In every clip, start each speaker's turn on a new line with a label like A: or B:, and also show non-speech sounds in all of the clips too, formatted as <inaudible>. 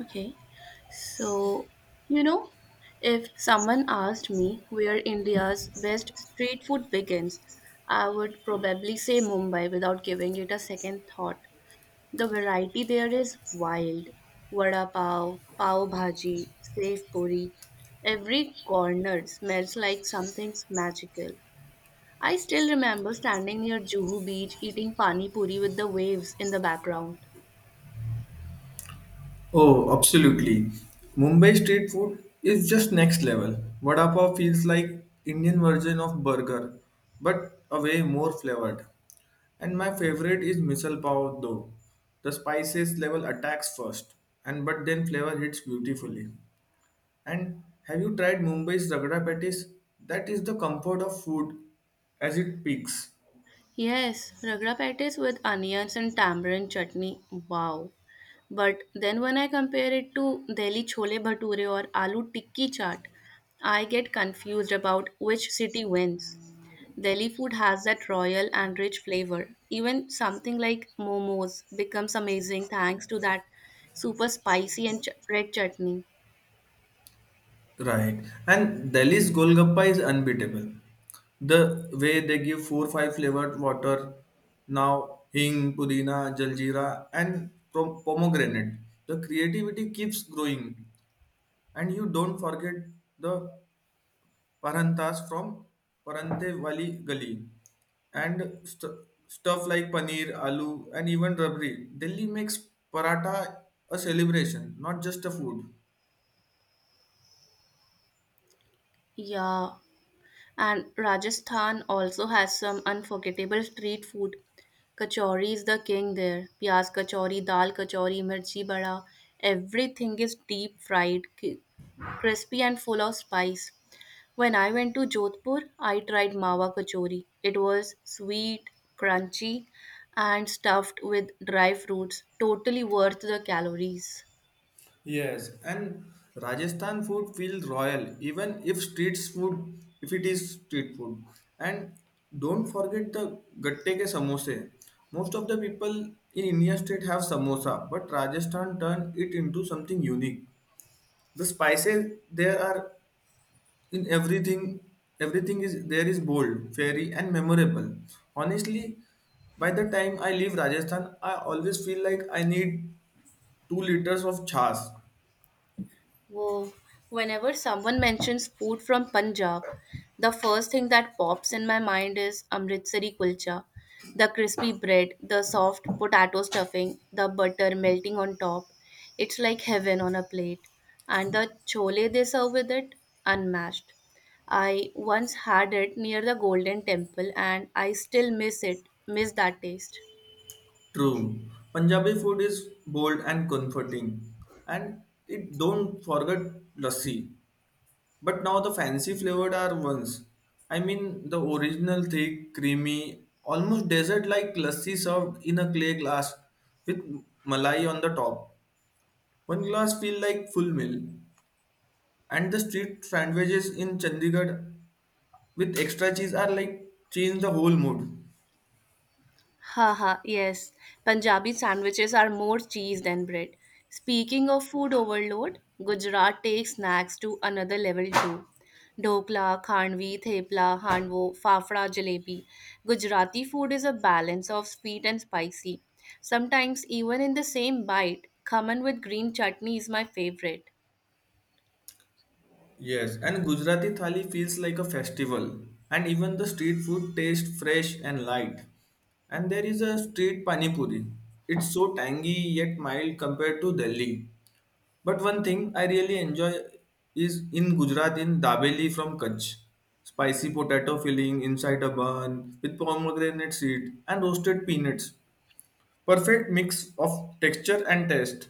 A: Okay, so you know, if someone asked me where India's best street food begins, I would probably say Mumbai without giving it a second thought. The variety there is wild. Vada pav, pav bhaji, sev puri. Every corner smells like something's magical. I still remember standing near Juhu Beach eating pani puri with the waves in the background.
B: Oh, absolutely. Mumbai street food is just next level. Vada pav feels like Indian version of burger, but a way more flavored. And my favorite is misal pav though. The spices level attacks first, and but then flavor hits beautifully. And have you tried Mumbai's ragda patties? That is the comfort of food as it peaks.
A: Yes, ragra patties with onions and tamarind chutney. Wow. But then when I compare it to Delhi chole bhature or aloo tikki chaat, I get confused about which city wins. Delhi food has that royal and rich flavor. Even something like momos becomes amazing thanks to that super spicy and red chutney.
B: Right. And Delhi's Golgappa is unbeatable. The way they give four five flavored water now hing, pudina, jaljeera, and pomegranate. The creativity keeps growing. And you don't forget the paranthas from Parante Wali Gali and stuff like paneer, aloo, and even rabri. Delhi makes paratha a celebration, not just a food.
A: Yeah. And Rajasthan also has some unforgettable street food. Kachori is the king there. Pyaaz kachori, dal kachori, mirchi bada. Everything is deep fried, crispy and full of spice. When I went to Jodhpur, I tried mawa kachori. It was sweet, crunchy, and stuffed with dry fruits. Totally worth the calories.
B: Yes, and Rajasthan food feels royal, even if street food, if it is street food. And don't forget the gatte ke samosa. Most of the people in India state have samosa, but Rajasthan turned it into something unique. The spices there are in everything. Everything is there is bold, fairy, and memorable. Honestly, by the time I leave Rajasthan, I always feel like I need 2 liters of chas.
A: Whoa. Whenever someone mentions food from Punjab, the first thing that pops in my mind is Amritsari kulcha. The crispy bread, the soft potato stuffing, the butter melting on top. It's like heaven on a plate. And the chole they serve with it, unmatched. I once had it near the Golden Temple and I still miss that taste.
B: True. Punjabi food is bold and comforting. And it don't forget lassi. But now the fancy flavored are ones. I mean the original thick, creamy, almost dessert like lassi served in a clay glass with malai on the top. One glass feel like full meal. And the street sandwiches in Chandigarh with extra cheese are like change the whole mood.
A: Haha, yes. Punjabi sandwiches are more cheese than bread. Speaking of food overload, Gujarat takes snacks to another level too. Dokla, khandvi, thepla, handvo, Fafra, jalebi. Gujarati food is a balance of sweet and spicy. Sometimes even in the same bite, khaman with green chutney is my favorite.
B: Yes, and Gujarati thali feels like a festival, and even the street food tastes fresh and light. And there is a street pani puri. It's so tangy yet mild compared to Delhi. But one thing I really enjoy is in Gujarat in Dabeli from Kutch. Spicy potato filling inside a bun with pomegranate seed and roasted peanuts. Perfect mix of texture and taste.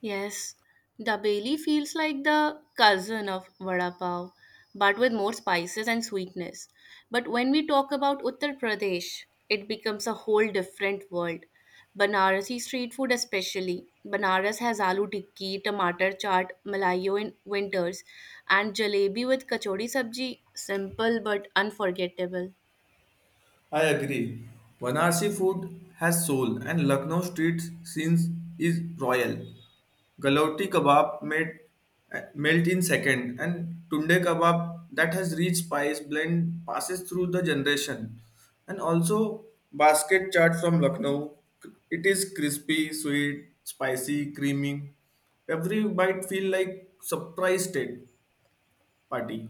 A: Yes, the dabeli feels like the cousin of vada pav, but with more spices and sweetness. But when we talk about Uttar Pradesh, it becomes a whole different world. Banarasi street food, especially. Banaras has aloo tikki, tomato chaat, malayo in winters, and jalebi with kachori sabji. Simple but unforgettable.
B: I agree. Banarsi food has soul and Lucknow street scenes is royal. Galauti kebab made melt in second and tunde kebab that has rich spice blend passes through the generation. And also basket chaat from Lucknow. It is crispy, sweet, spicy, creamy. Every bite feel like surprise state party.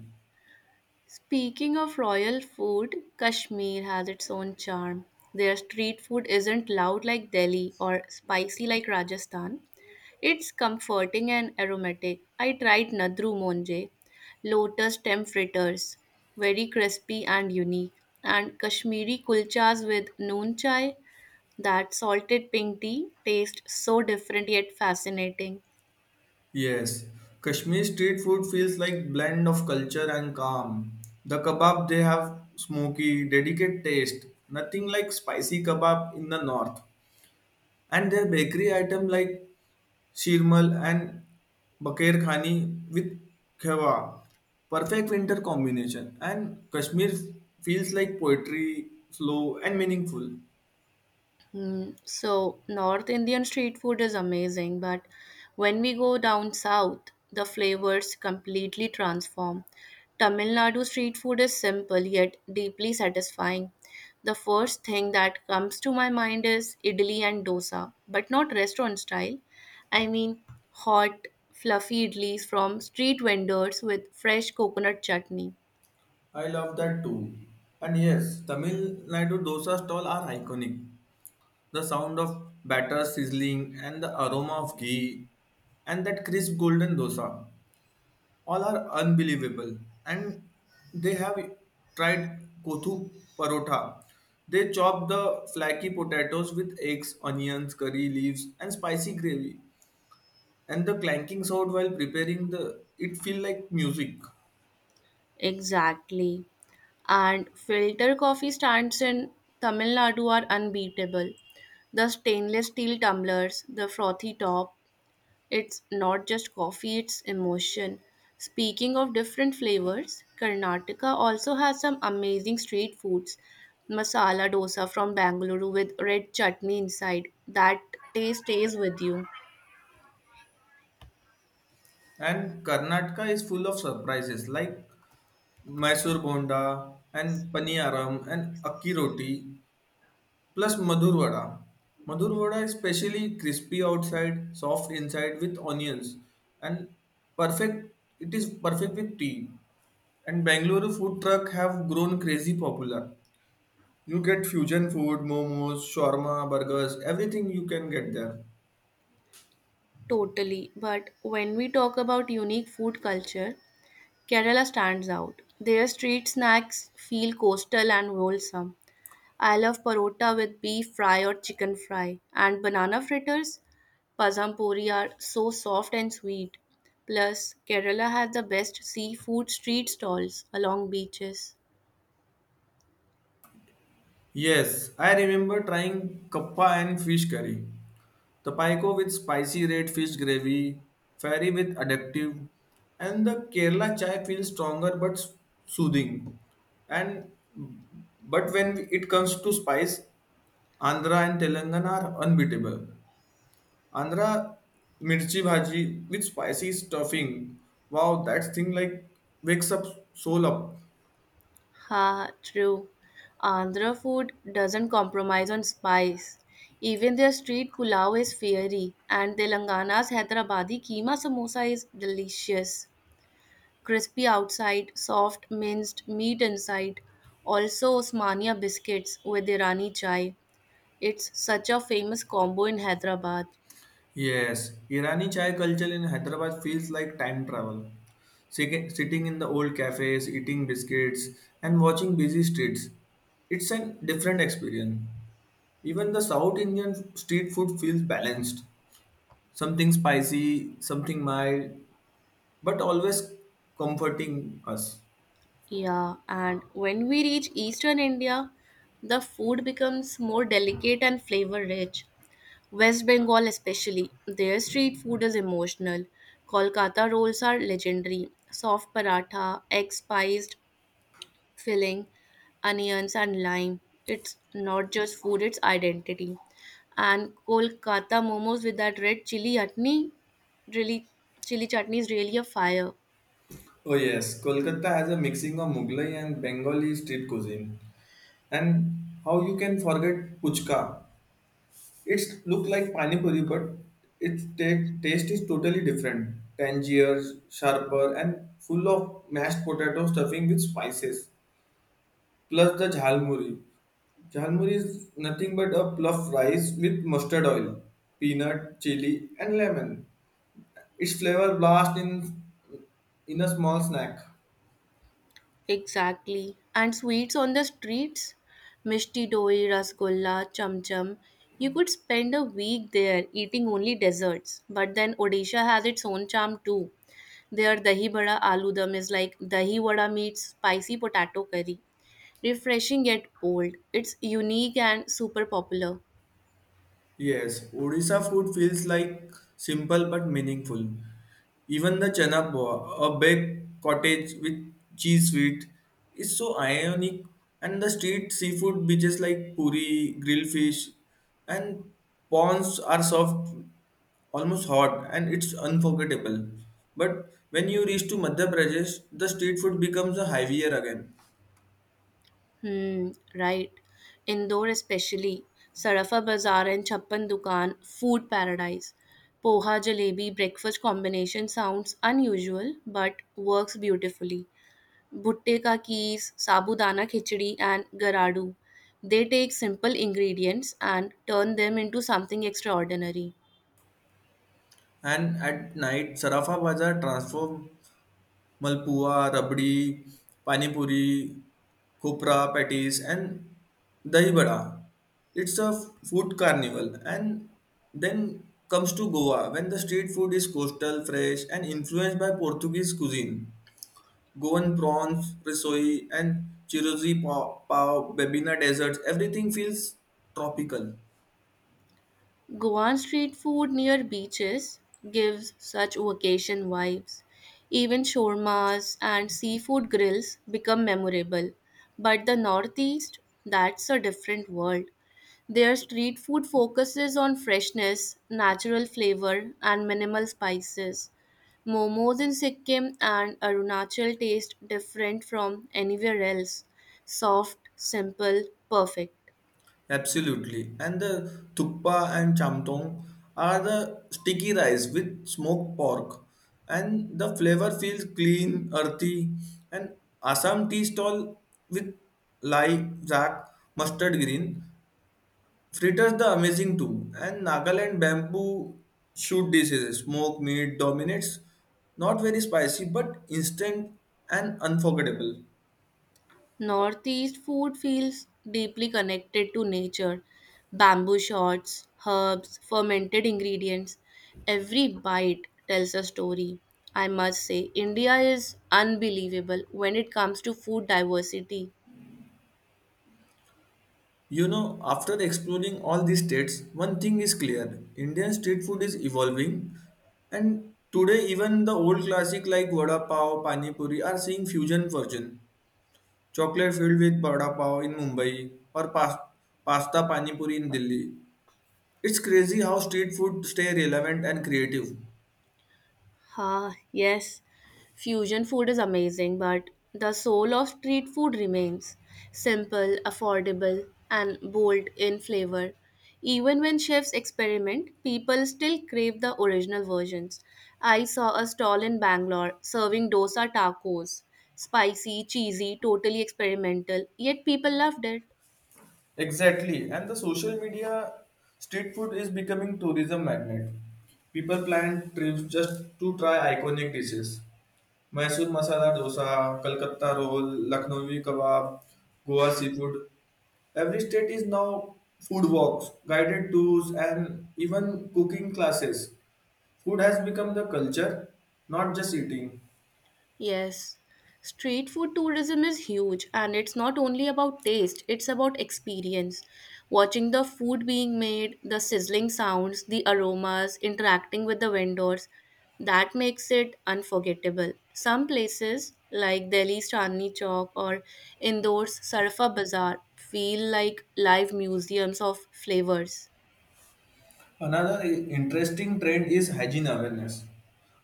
A: Speaking of royal food, Kashmir has its own charm. Their street food isn't loud like Delhi or spicy like Rajasthan. It's comforting and aromatic. I tried Nadru Monje, lotus stem fritters, very crispy and unique, and Kashmiri kulchas with noon chai. That salted pink tea tastes so different yet fascinating.
B: Yes, Kashmir street food feels like blend of culture and calm. The kebab they have smoky, delicate taste, nothing like spicy kebab in the north. And their bakery item like shirmal and bakir khani with khewa, perfect winter combination. And Kashmir feels like poetry, slow and meaningful.
A: So North Indian street food is amazing, but when we go down south, the flavors completely transform. Tamil Nadu street food is simple yet deeply satisfying. The first thing that comes to my mind is idli and dosa, but not restaurant style. I mean hot, fluffy idlis from street vendors with fresh coconut chutney.
B: I love that too. And yes, Tamil Nadu dosa stall are iconic. The sound of batter sizzling and the aroma of ghee and that crisp golden dosa all are unbelievable. And they have tried kothu parotha. They chop the flaky potatoes with eggs, onions, curry leaves, and spicy gravy. And the clanking sound while preparing the it feel like music.
A: Exactly. And filter coffee stands in Tamil Nadu are unbeatable. The stainless steel tumblers, the frothy top, it's not just coffee, it's emotion. Speaking of different flavors, Karnataka also has some amazing street foods. Masala dosa from Bangalore with red chutney inside. That taste stays with you.
B: And Karnataka is full of surprises like Mysore bonda and paniyaram and akki roti plus Madhur vada. Madhur vada is specially crispy outside, soft inside with onions, and perfect. It is perfect with tea. And Bangalore food truck have grown crazy popular. You get fusion food, momos, shawarma, burgers, everything you can get there.
A: Totally. But when we talk about unique food culture, Kerala stands out. Their street snacks feel coastal and wholesome. I love parota with beef fry or chicken fry, and banana fritters, pasam puri are so soft and sweet. Plus, Kerala has the best seafood street stalls along beaches.
B: Yes, I remember trying kappa and fish curry. The Paiko with spicy red fish gravy, Fairy with addictive, and the Kerala chai feels stronger but soothing. And but when it comes to spice, Andhra and Telangana are unbeatable. Andhra mirchi bhaji with spicy stuffing. Wow, that thing like wakes up soul up.
A: Ha, true. Andhra food doesn't compromise on spice. Even their street pulao is fiery, and Telangana's Hyderabadi keema samosa is delicious. Crispy outside, soft minced meat inside. Also, Osmania biscuits with Irani chai. It's such a famous combo in Hyderabad.
B: Yes, Irani chai culture in Hyderabad feels like time travel. Sitting in the old cafes, eating biscuits, and watching busy streets. It's a different experience. Even the South Indian street food feels balanced. Something spicy, something mild, but always comforting us.
A: Yeah, and when we reach eastern India, the food becomes more delicate and flavor rich. West Bengal, especially, their street food is emotional. Kolkata rolls are legendary. Soft paratha, egg spiced, filling, onions, and lime. It's not just food, it's identity. And Kolkata momos with that red chili chutney, really, chili chutney is really a fire.
B: Oh yes, Kolkata has a mixing of Mughlai and Bengali street cuisine. And how you can forget puchka? It's look like panipuri, but its taste is totally different. Tangier, sharper, and full of mashed potato stuffing with spices. Plus the jhalmuri. Jhalmuri is nothing but a puff rice with mustard oil, peanut, chili, and lemon. Its flavor blast in a small snack.
A: Exactly. And sweets on the streets, mishti doi, rasgulla, cham cham. You could spend a week there eating only desserts. But then Odisha has its own charm too. Their dahi bada aloo dum is like dahi vada meets spicy potato curry. Refreshing yet bold. It's unique and super popular.
B: Yes, Odisha food feels like simple but meaningful. Even the chana poa, a baked cottage with cheese sweet, is so ionic. And the street seafood beaches like puri, grilled fish, and prawns are soft, almost hot, and it's unforgettable. But when you reach to Madhya Pradesh, the street food becomes a heavier again.
A: Hmm, right. Indore especially. Sarafa Bazaar and Chappan Dukan, food paradise. Poha jalebi breakfast combination sounds unusual but works beautifully. Bhutte ka kees, sabudana khichdi and garadu. They take simple ingredients and turn them into something extraordinary.
B: And at night, Sarafa Bazaar transforms Malpua, rabdi, pani puri, khopra patties, and dahi vada. It's a food carnival. And then comes to Goa, when the street food is coastal, fresh, and influenced by Portuguese cuisine. Goan prawns, risoi, and chirozi pav, Bebina deserts, everything feels tropical.
A: Goan street food near beaches gives such vacation vibes. Even shawarmas and seafood grills become memorable. But the Northeast, that's a different world. Their street food focuses on freshness, natural flavor, and minimal spices. Momos in Sikkim and Arunachal taste different from anywhere else. Soft, simple, perfect.
B: Absolutely. And the thukpa and chamtong are the sticky rice with smoked pork. And the flavor feels clean, earthy. And Assam tea stall with lai, zak, mustard green. Fritters the amazing too. And Nagaland bamboo shoot dishes. Smoked meat dominates. Not very spicy, but instant and unforgettable.
A: Northeast food feels deeply connected to nature. Bamboo shoots, herbs, fermented ingredients. Every bite tells a story. I must say, India is unbelievable when it comes to food diversity.
B: You know, after exploring all these states, one thing is clear Indian street food is evolving, and today, even the old classic like vada pav, pani puri are seeing fusion version. Chocolate filled with vada pav in Mumbai or pasta pani puri in Delhi. It's crazy how street food stay relevant and creative.
A: Ah, yes, fusion food is amazing, but the soul of street food remains simple, affordable, and bold in flavor. Even when chefs experiment, people still crave the original versions. I saw a stall in Bangalore serving dosa tacos, spicy, cheesy, totally experimental, yet people loved it.
B: Exactly, and the social media street food is becoming tourism magnet. People plan trips just to try iconic dishes. Mysore masala dosa, Kolkata roll, Lucknowi kebab, Goa seafood. Every state is now food walks, guided tours, and even cooking classes. Food has become the culture, not just eating.
A: Yes. Street food tourism is huge, and it's not only about taste, it's about experience. Watching the food being made, the sizzling sounds, the aromas, interacting with the vendors, that makes it unforgettable. Some places, like Delhi's Chandni Chowk or Indoor's Sarfa Bazaar, feel like live museums of flavors.
B: Another interesting trend is hygiene awareness.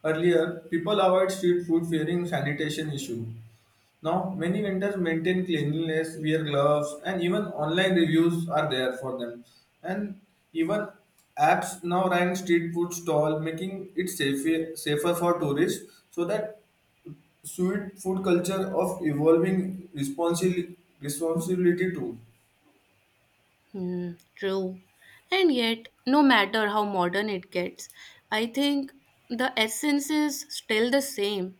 B: Earlier, people avoid street food fearing sanitation issue. Now, many vendors maintain cleanliness, wear gloves, and even online reviews are there for them. And even apps now rank street food stall, making it safer for tourists. So that sweet food culture of evolving responsibility too.
A: Hmm, true. And yet, no matter how modern it gets, I think the essence is still the same.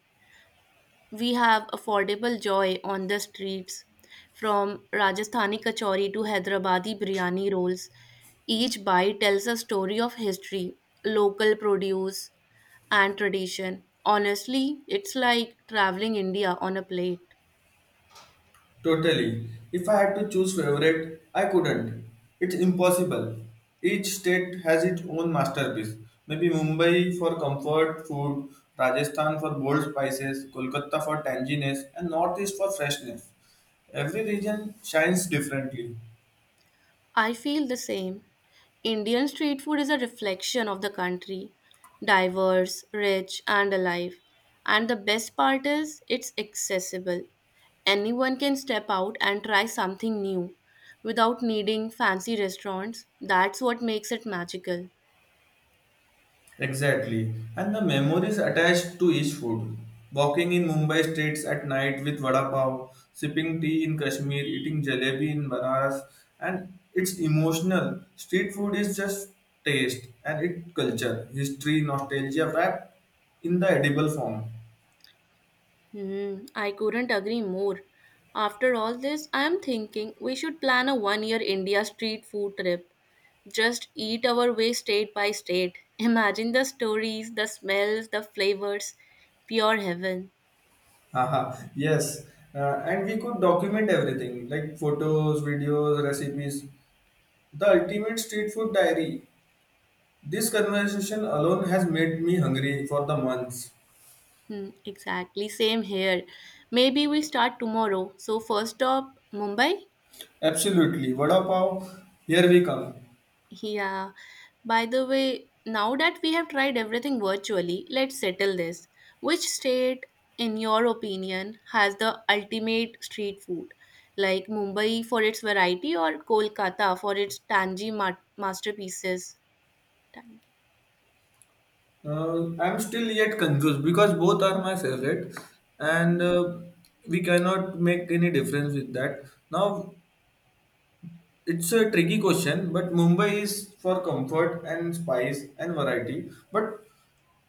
A: We have affordable joy on the streets, from Rajasthani kachori to Hyderabadi biryani rolls. Each bite tells a story of history, local produce, and tradition. Honestly, it's like traveling India on a plate.
B: Totally. If I had to choose favorite, I couldn't. It's impossible. Each state has its own masterpiece. Maybe Mumbai for comfort food, Rajasthan for bold spices, Kolkata for tanginess, and Northeast for freshness. Every region shines differently.
A: I feel the same. Indian street food is a reflection of the country, diverse, rich, and alive. And the best part is, it's accessible. Anyone can step out and try something new without needing fancy restaurants. That's what makes it magical.
B: Exactly. And the memories attached to each food. Walking in Mumbai streets at night with vada pav, sipping tea in Kashmir, eating jalebi in Banaras, and it's emotional. Street food is just taste and it culture, history, nostalgia wrapped in the edible form.
A: I couldn't agree more. After all this, I am thinking we should plan a 1 year India street food trip. Just eat our way state by state. Imagine the stories, the smells, the flavors. Pure heaven.
B: Haha, yes. And we could document everything like photos, videos, recipes, the ultimate street food diary. This conversation alone has made me hungry for the months.
A: Hmm, exactly, same here. Maybe we start tomorrow. So, first stop, Mumbai.
B: Absolutely. Vada pav, here we come.
A: Yeah. By the way, now that we have tried everything virtually, let's settle this. Which state, in your opinion, has the ultimate street food? Like Mumbai for its variety or Kolkata for its tangy masterpieces? Tangy.
B: I'm still yet confused because both are my favorite and we cannot make any difference with that. Now, it's a tricky question, but Mumbai is for comfort and spice and variety. But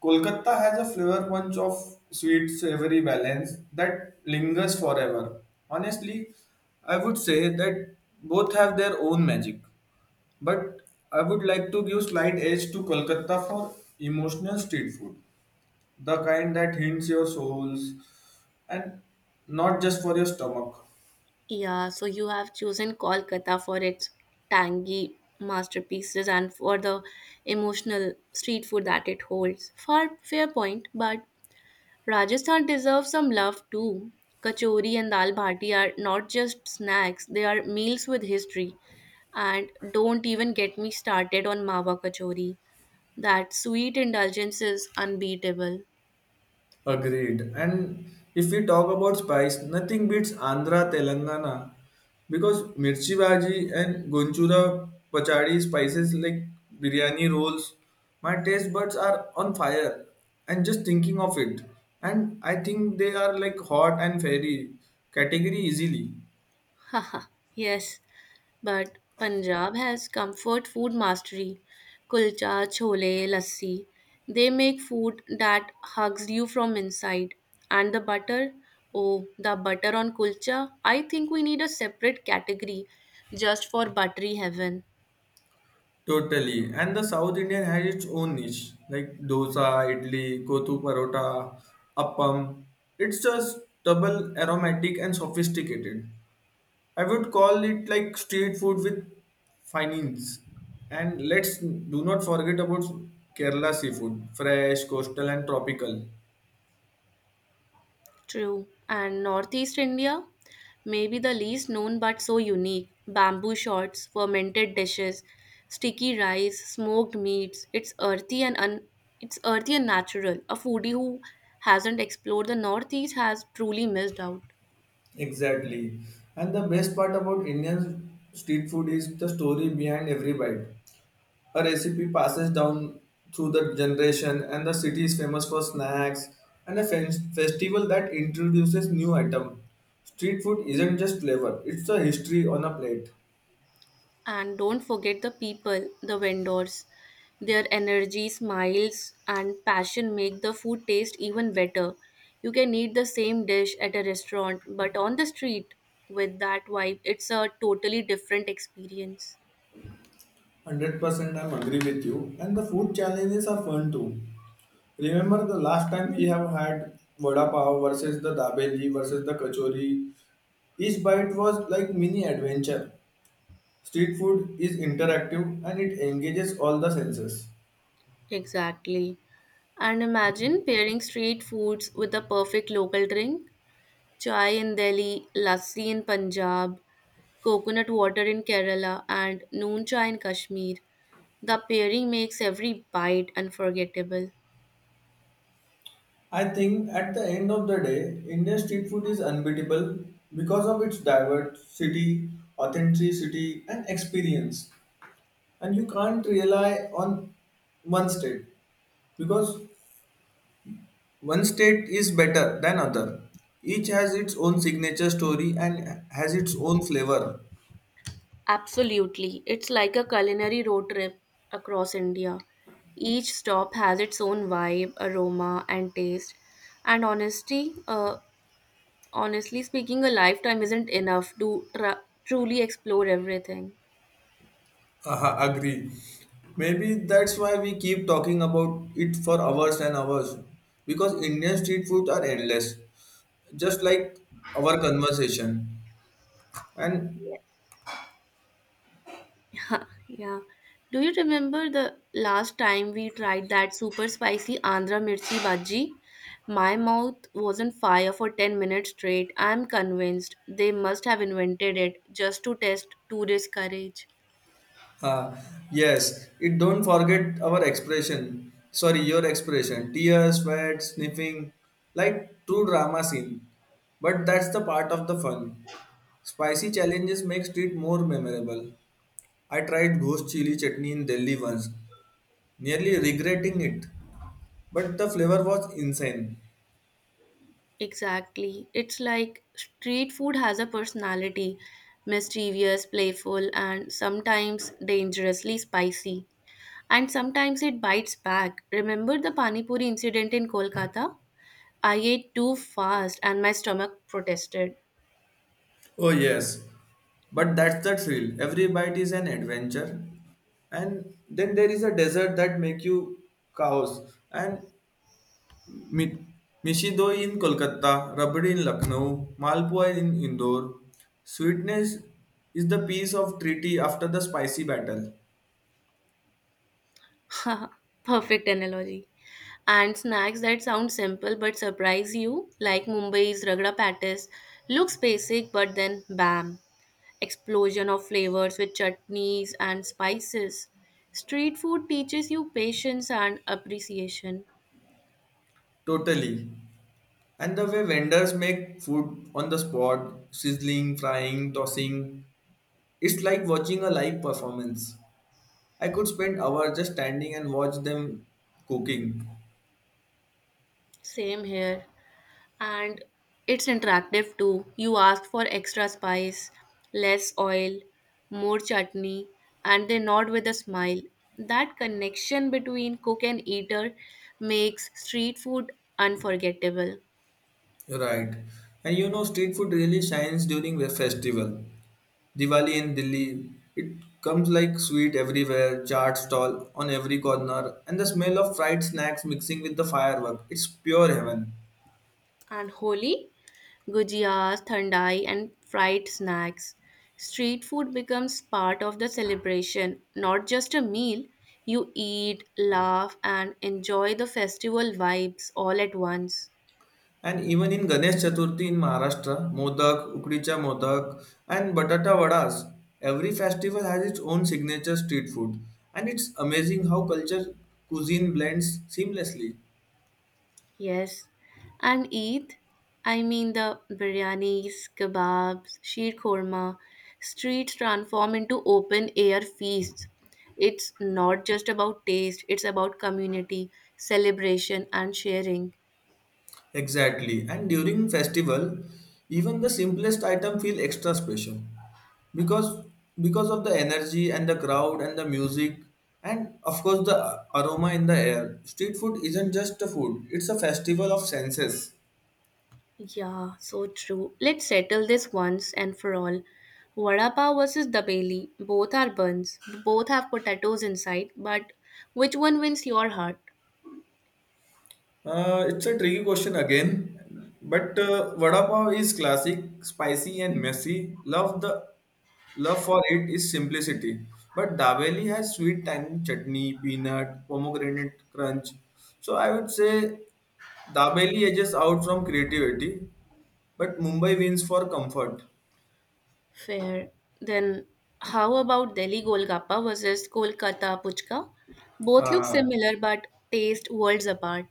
B: Kolkata has a flavor punch of sweet savory balance that lingers forever. Honestly, I would say that both have their own magic. But I would like to give slight edge to Kolkata for emotional street food, the kind that hints your souls and not just for your stomach.
A: Yeah, so you have chosen Kolkata for its tangy masterpieces and for the emotional street food that it holds. Far fair point, but Rajasthan deserves some love too. Kachori and dal bhati are not just snacks, they are meals with history. And don't even get me started on mawa kachori. That sweet indulgence is unbeatable.
B: Agreed. And if we talk about spice, nothing beats Andhra Telangana because mirchi bhaji and gonchura pachadi spices like biryani rolls, my taste buds are on fire. And just thinking of it, and I think they are like hot and fairy category easily.
A: <laughs> Haha, yes. But Punjab has comfort food mastery. Kulcha, chole, lassi. They make food that hugs you from inside. And the butter, oh, the butter on kulcha. I think we need a separate category just for buttery heaven.
B: Totally. And the South Indian has its own niche, like dosa, idli, kothu parota, appam. It's just double aromatic and sophisticated. I would call it like street food with finance. And let's do not forget about Kerala seafood, fresh, coastal, and tropical.
A: True. And Northeast India, maybe the least known but so unique. Bamboo shots, fermented dishes, sticky rice, smoked meats. It's earthy and natural. A foodie who hasn't explored the Northeast has truly missed out.
B: Exactly. And the best part about Indian street food is the story behind every bite. A recipe passes down through the generation, and the city is famous for snacks and a festival that introduces new item. Street food isn't just flavor; it's a history on a plate.
A: And don't forget the people, the vendors. Their energy, smiles, and passion make the food taste even better. You can eat the same dish at a restaurant, but on the street with that vibe, it's a totally different experience.
B: 100%, I'm agree with you. And the food challenges are fun too. Remember the last time we have had vada pav versus the dabeli versus the kachori. Each bite was like mini adventure. Street food is interactive and it engages all the senses.
A: Exactly. And imagine pairing street foods with a perfect local drink. Chai in Delhi, lassi in Punjab, coconut water in Kerala, and noon chai in Kashmir. The pairing makes every bite unforgettable.
B: I think at the end of the day, Indian street food is unbeatable because of its diversity, authenticity, and experience. And you can't rely on one state because one state is better than other. Each has its own signature story and has its own flavor.
A: Absolutely. It's like a culinary road trip across India. Each stop has its own vibe, aroma, and taste. And honestly speaking, a lifetime isn't enough to truly explore everything.
B: Aha, agree. Maybe that's why we keep talking about it for hours and hours because Indian street foods are endless, just like our conversation. And
A: Huh, yeah. Do you remember the last time we tried that super spicy Andhra mirchi bhaji? My mouth was on fire for 10 minutes straight. I'm convinced they must have invented it just to test tourist courage.
B: uh, yes, it don't forget our expression. Sorry, your expression. Tears, sweat, sniffing, like true drama scene. But that's the part of the fun. Spicy challenges make street more memorable. I tried ghost chili chutney in Delhi once, nearly regretting it. But the flavor was insane.
A: Exactly. It's like street food has a personality, mischievous, playful, and sometimes dangerously spicy. And sometimes it bites back. Remember the Pani Puri incident in Kolkata? I ate too fast and my stomach protested.
B: Oh yes. But that's the thrill. Every bite is an adventure. And then there is a desert that make you cows. And Mi- Mishdo in Kolkata, rubber in Lucknow, Malpua in Indore. Sweetness is the piece of treaty after the spicy battle.
A: <laughs> Perfect analogy. And snacks that sound simple but surprise you, like Mumbai's Ragda Patties, looks basic but then bam, explosion of flavors with chutneys and spices. Street food teaches you patience and appreciation.
B: Totally. And the way vendors make food on the spot, sizzling, frying, tossing, it's like watching a live performance. I could spend hours just standing and watch them cooking.
A: Same here. And it's interactive too. You ask for extra spice, less oil, more chutney, and they nod with a smile. That connection between cook and eater makes street food unforgettable.
B: You're right. And you know, street food really shines during a festival. Diwali in Delhi, it comes like sweet everywhere, chaat stall on every corner, and the smell of fried snacks mixing with the firework. It's pure heaven.
A: And Holi, gujiyas, thandai, and fried snacks. Street food becomes part of the celebration, not just a meal. You eat, laugh, and enjoy the festival vibes all at once.
B: And even in Ganesh Chaturthi in Maharashtra, modak, ukdicha modak, and batata vadas, every festival has its own signature street food. And it's amazing how culture cuisine blends seamlessly.
A: Yes, and Eid, I mean the biryanis, kebabs, sheer korma, streets transform into open air feasts. It's not just about taste, it's about community, celebration, and sharing.
B: Exactly. And during festival, even the simplest item feel extra special because because of the energy and the crowd and the music and of course the aroma in the air. Street food isn't just a food; it's a festival of senses.
A: Yeah, so true. Let's settle this once and for all. Vada pav versus dabeli. Both are buns. Both have potatoes inside, but which one wins your heart?
B: It's a tricky question again, but vada pav is classic, spicy and messy. Love for it is simplicity. But Dabeli has sweet tang chutney, peanut, pomegranate crunch. So I would say Dabeli edges out from creativity, but Mumbai wins for comfort.
A: Fair. Then how about Delhi Golgappa versus Kolkata Puchka? Both look
B: Uh,
A: similar but taste worlds apart.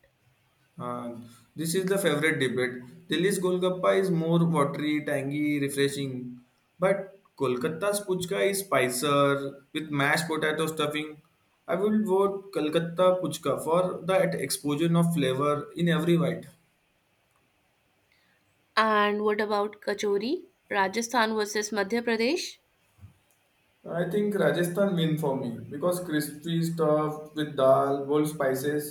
B: And this is the favorite debate. Delhi's Golgappa is more watery, tangy, refreshing. But Kolkata's Puchka is spicier with mashed potato stuffing. I will vote Kolkata Puchka for that explosion of flavor in every bite.
A: And what about Kachori? Rajasthan versus Madhya Pradesh?
B: I think Rajasthan win for me because crispy stuff with dal, bold spices.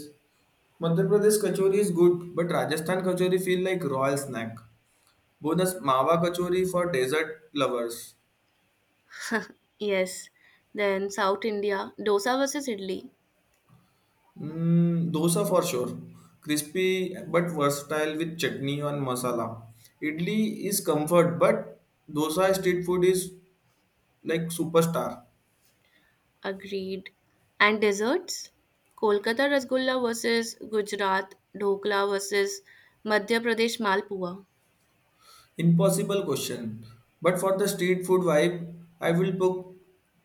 B: Madhya Pradesh kachori is good, but Rajasthan kachori feel like royal snack. Bonus mawa kachori for dessert lovers.
A: Yes. Then South India, dosa versus idli.
B: Mm, dosa for sure. Crispy but versatile with chutney and masala. Idli is comfort, but dosa street food is like superstar.
A: Agreed. And desserts? Kolkata Rasgulla versus Gujarat, Dhokla versus Madhya Pradesh Malpua. <laughs>
B: Impossible question. But for the street food vibe, I will pick,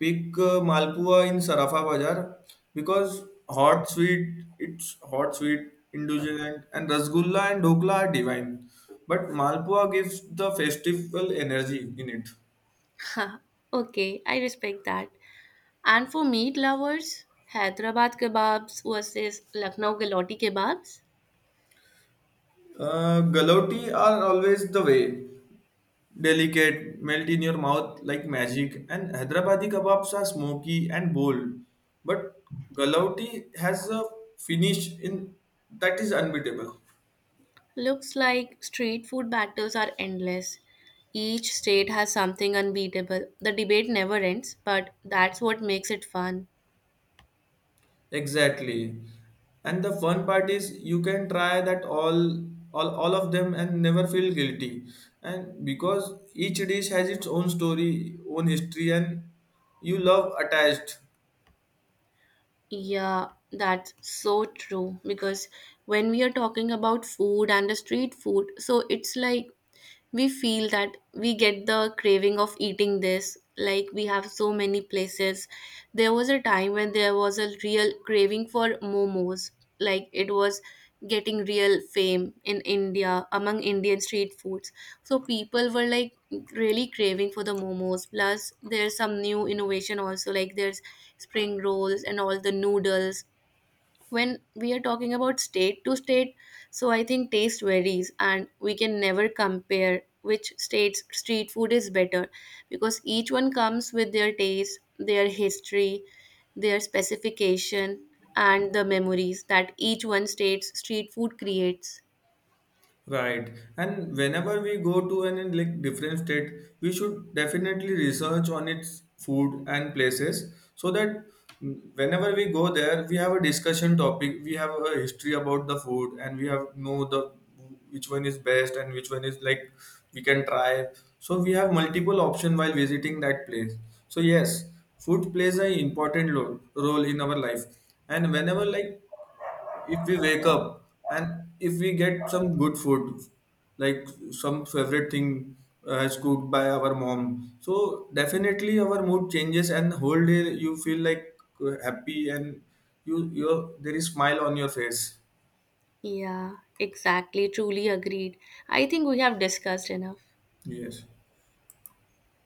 B: pick Malpua in Sarafa Bazaar because hot sweet, indulgent, and Rasgulla and Dokla are divine. But Malpua gives the festival energy in it.
A: Ha, okay, I respect that. And for meat lovers, Hyderabad kebabs versus Lucknow galati kebabs
B: Galoti are always the way. Delicate, melt in your mouth like magic, and Hyderabadi kebabs are smoky and bold. But galoti has a finish in that is unbeatable.
A: looks like street food battles are endless. Each state has something unbeatable. The debate never ends, but that's what makes it fun.
B: Exactly. And the fun part is you can try that all of them and never feel guilty. And because each dish has its own story, own history, and you love attached.
A: Yeah, that's so true. Because when we are talking about food and the street food, so it's like we feel that we get the craving of eating this, like we have so many places. There was a time when there was a real craving for momos, like it was getting real fame in India among Indian street foods. So people were like really craving for the momos. Plus there's some new innovation also, like there's spring rolls and all the noodles. When we are talking about state to state, so I think taste varies and we can never compare which state's street food is better, because each one comes with their taste, their history, their specification, and the memories that each one state's street food creates.
B: Right. And whenever we go to an like different state, we should definitely research on its food and places so that whenever we go there, we have a discussion topic, we have a history about the food and we have know the which one is best and which one is like we can try. So we have multiple option while visiting that place. So yes, food plays an important role in our life. And whenever like if we wake up and if we get some good food like some favorite thing as cooked by our mom so definitely our mood changes and whole day you feel like happy and you your there is smile on your face
A: Yeah, exactly, truly agreed. I think we have discussed enough.
B: yes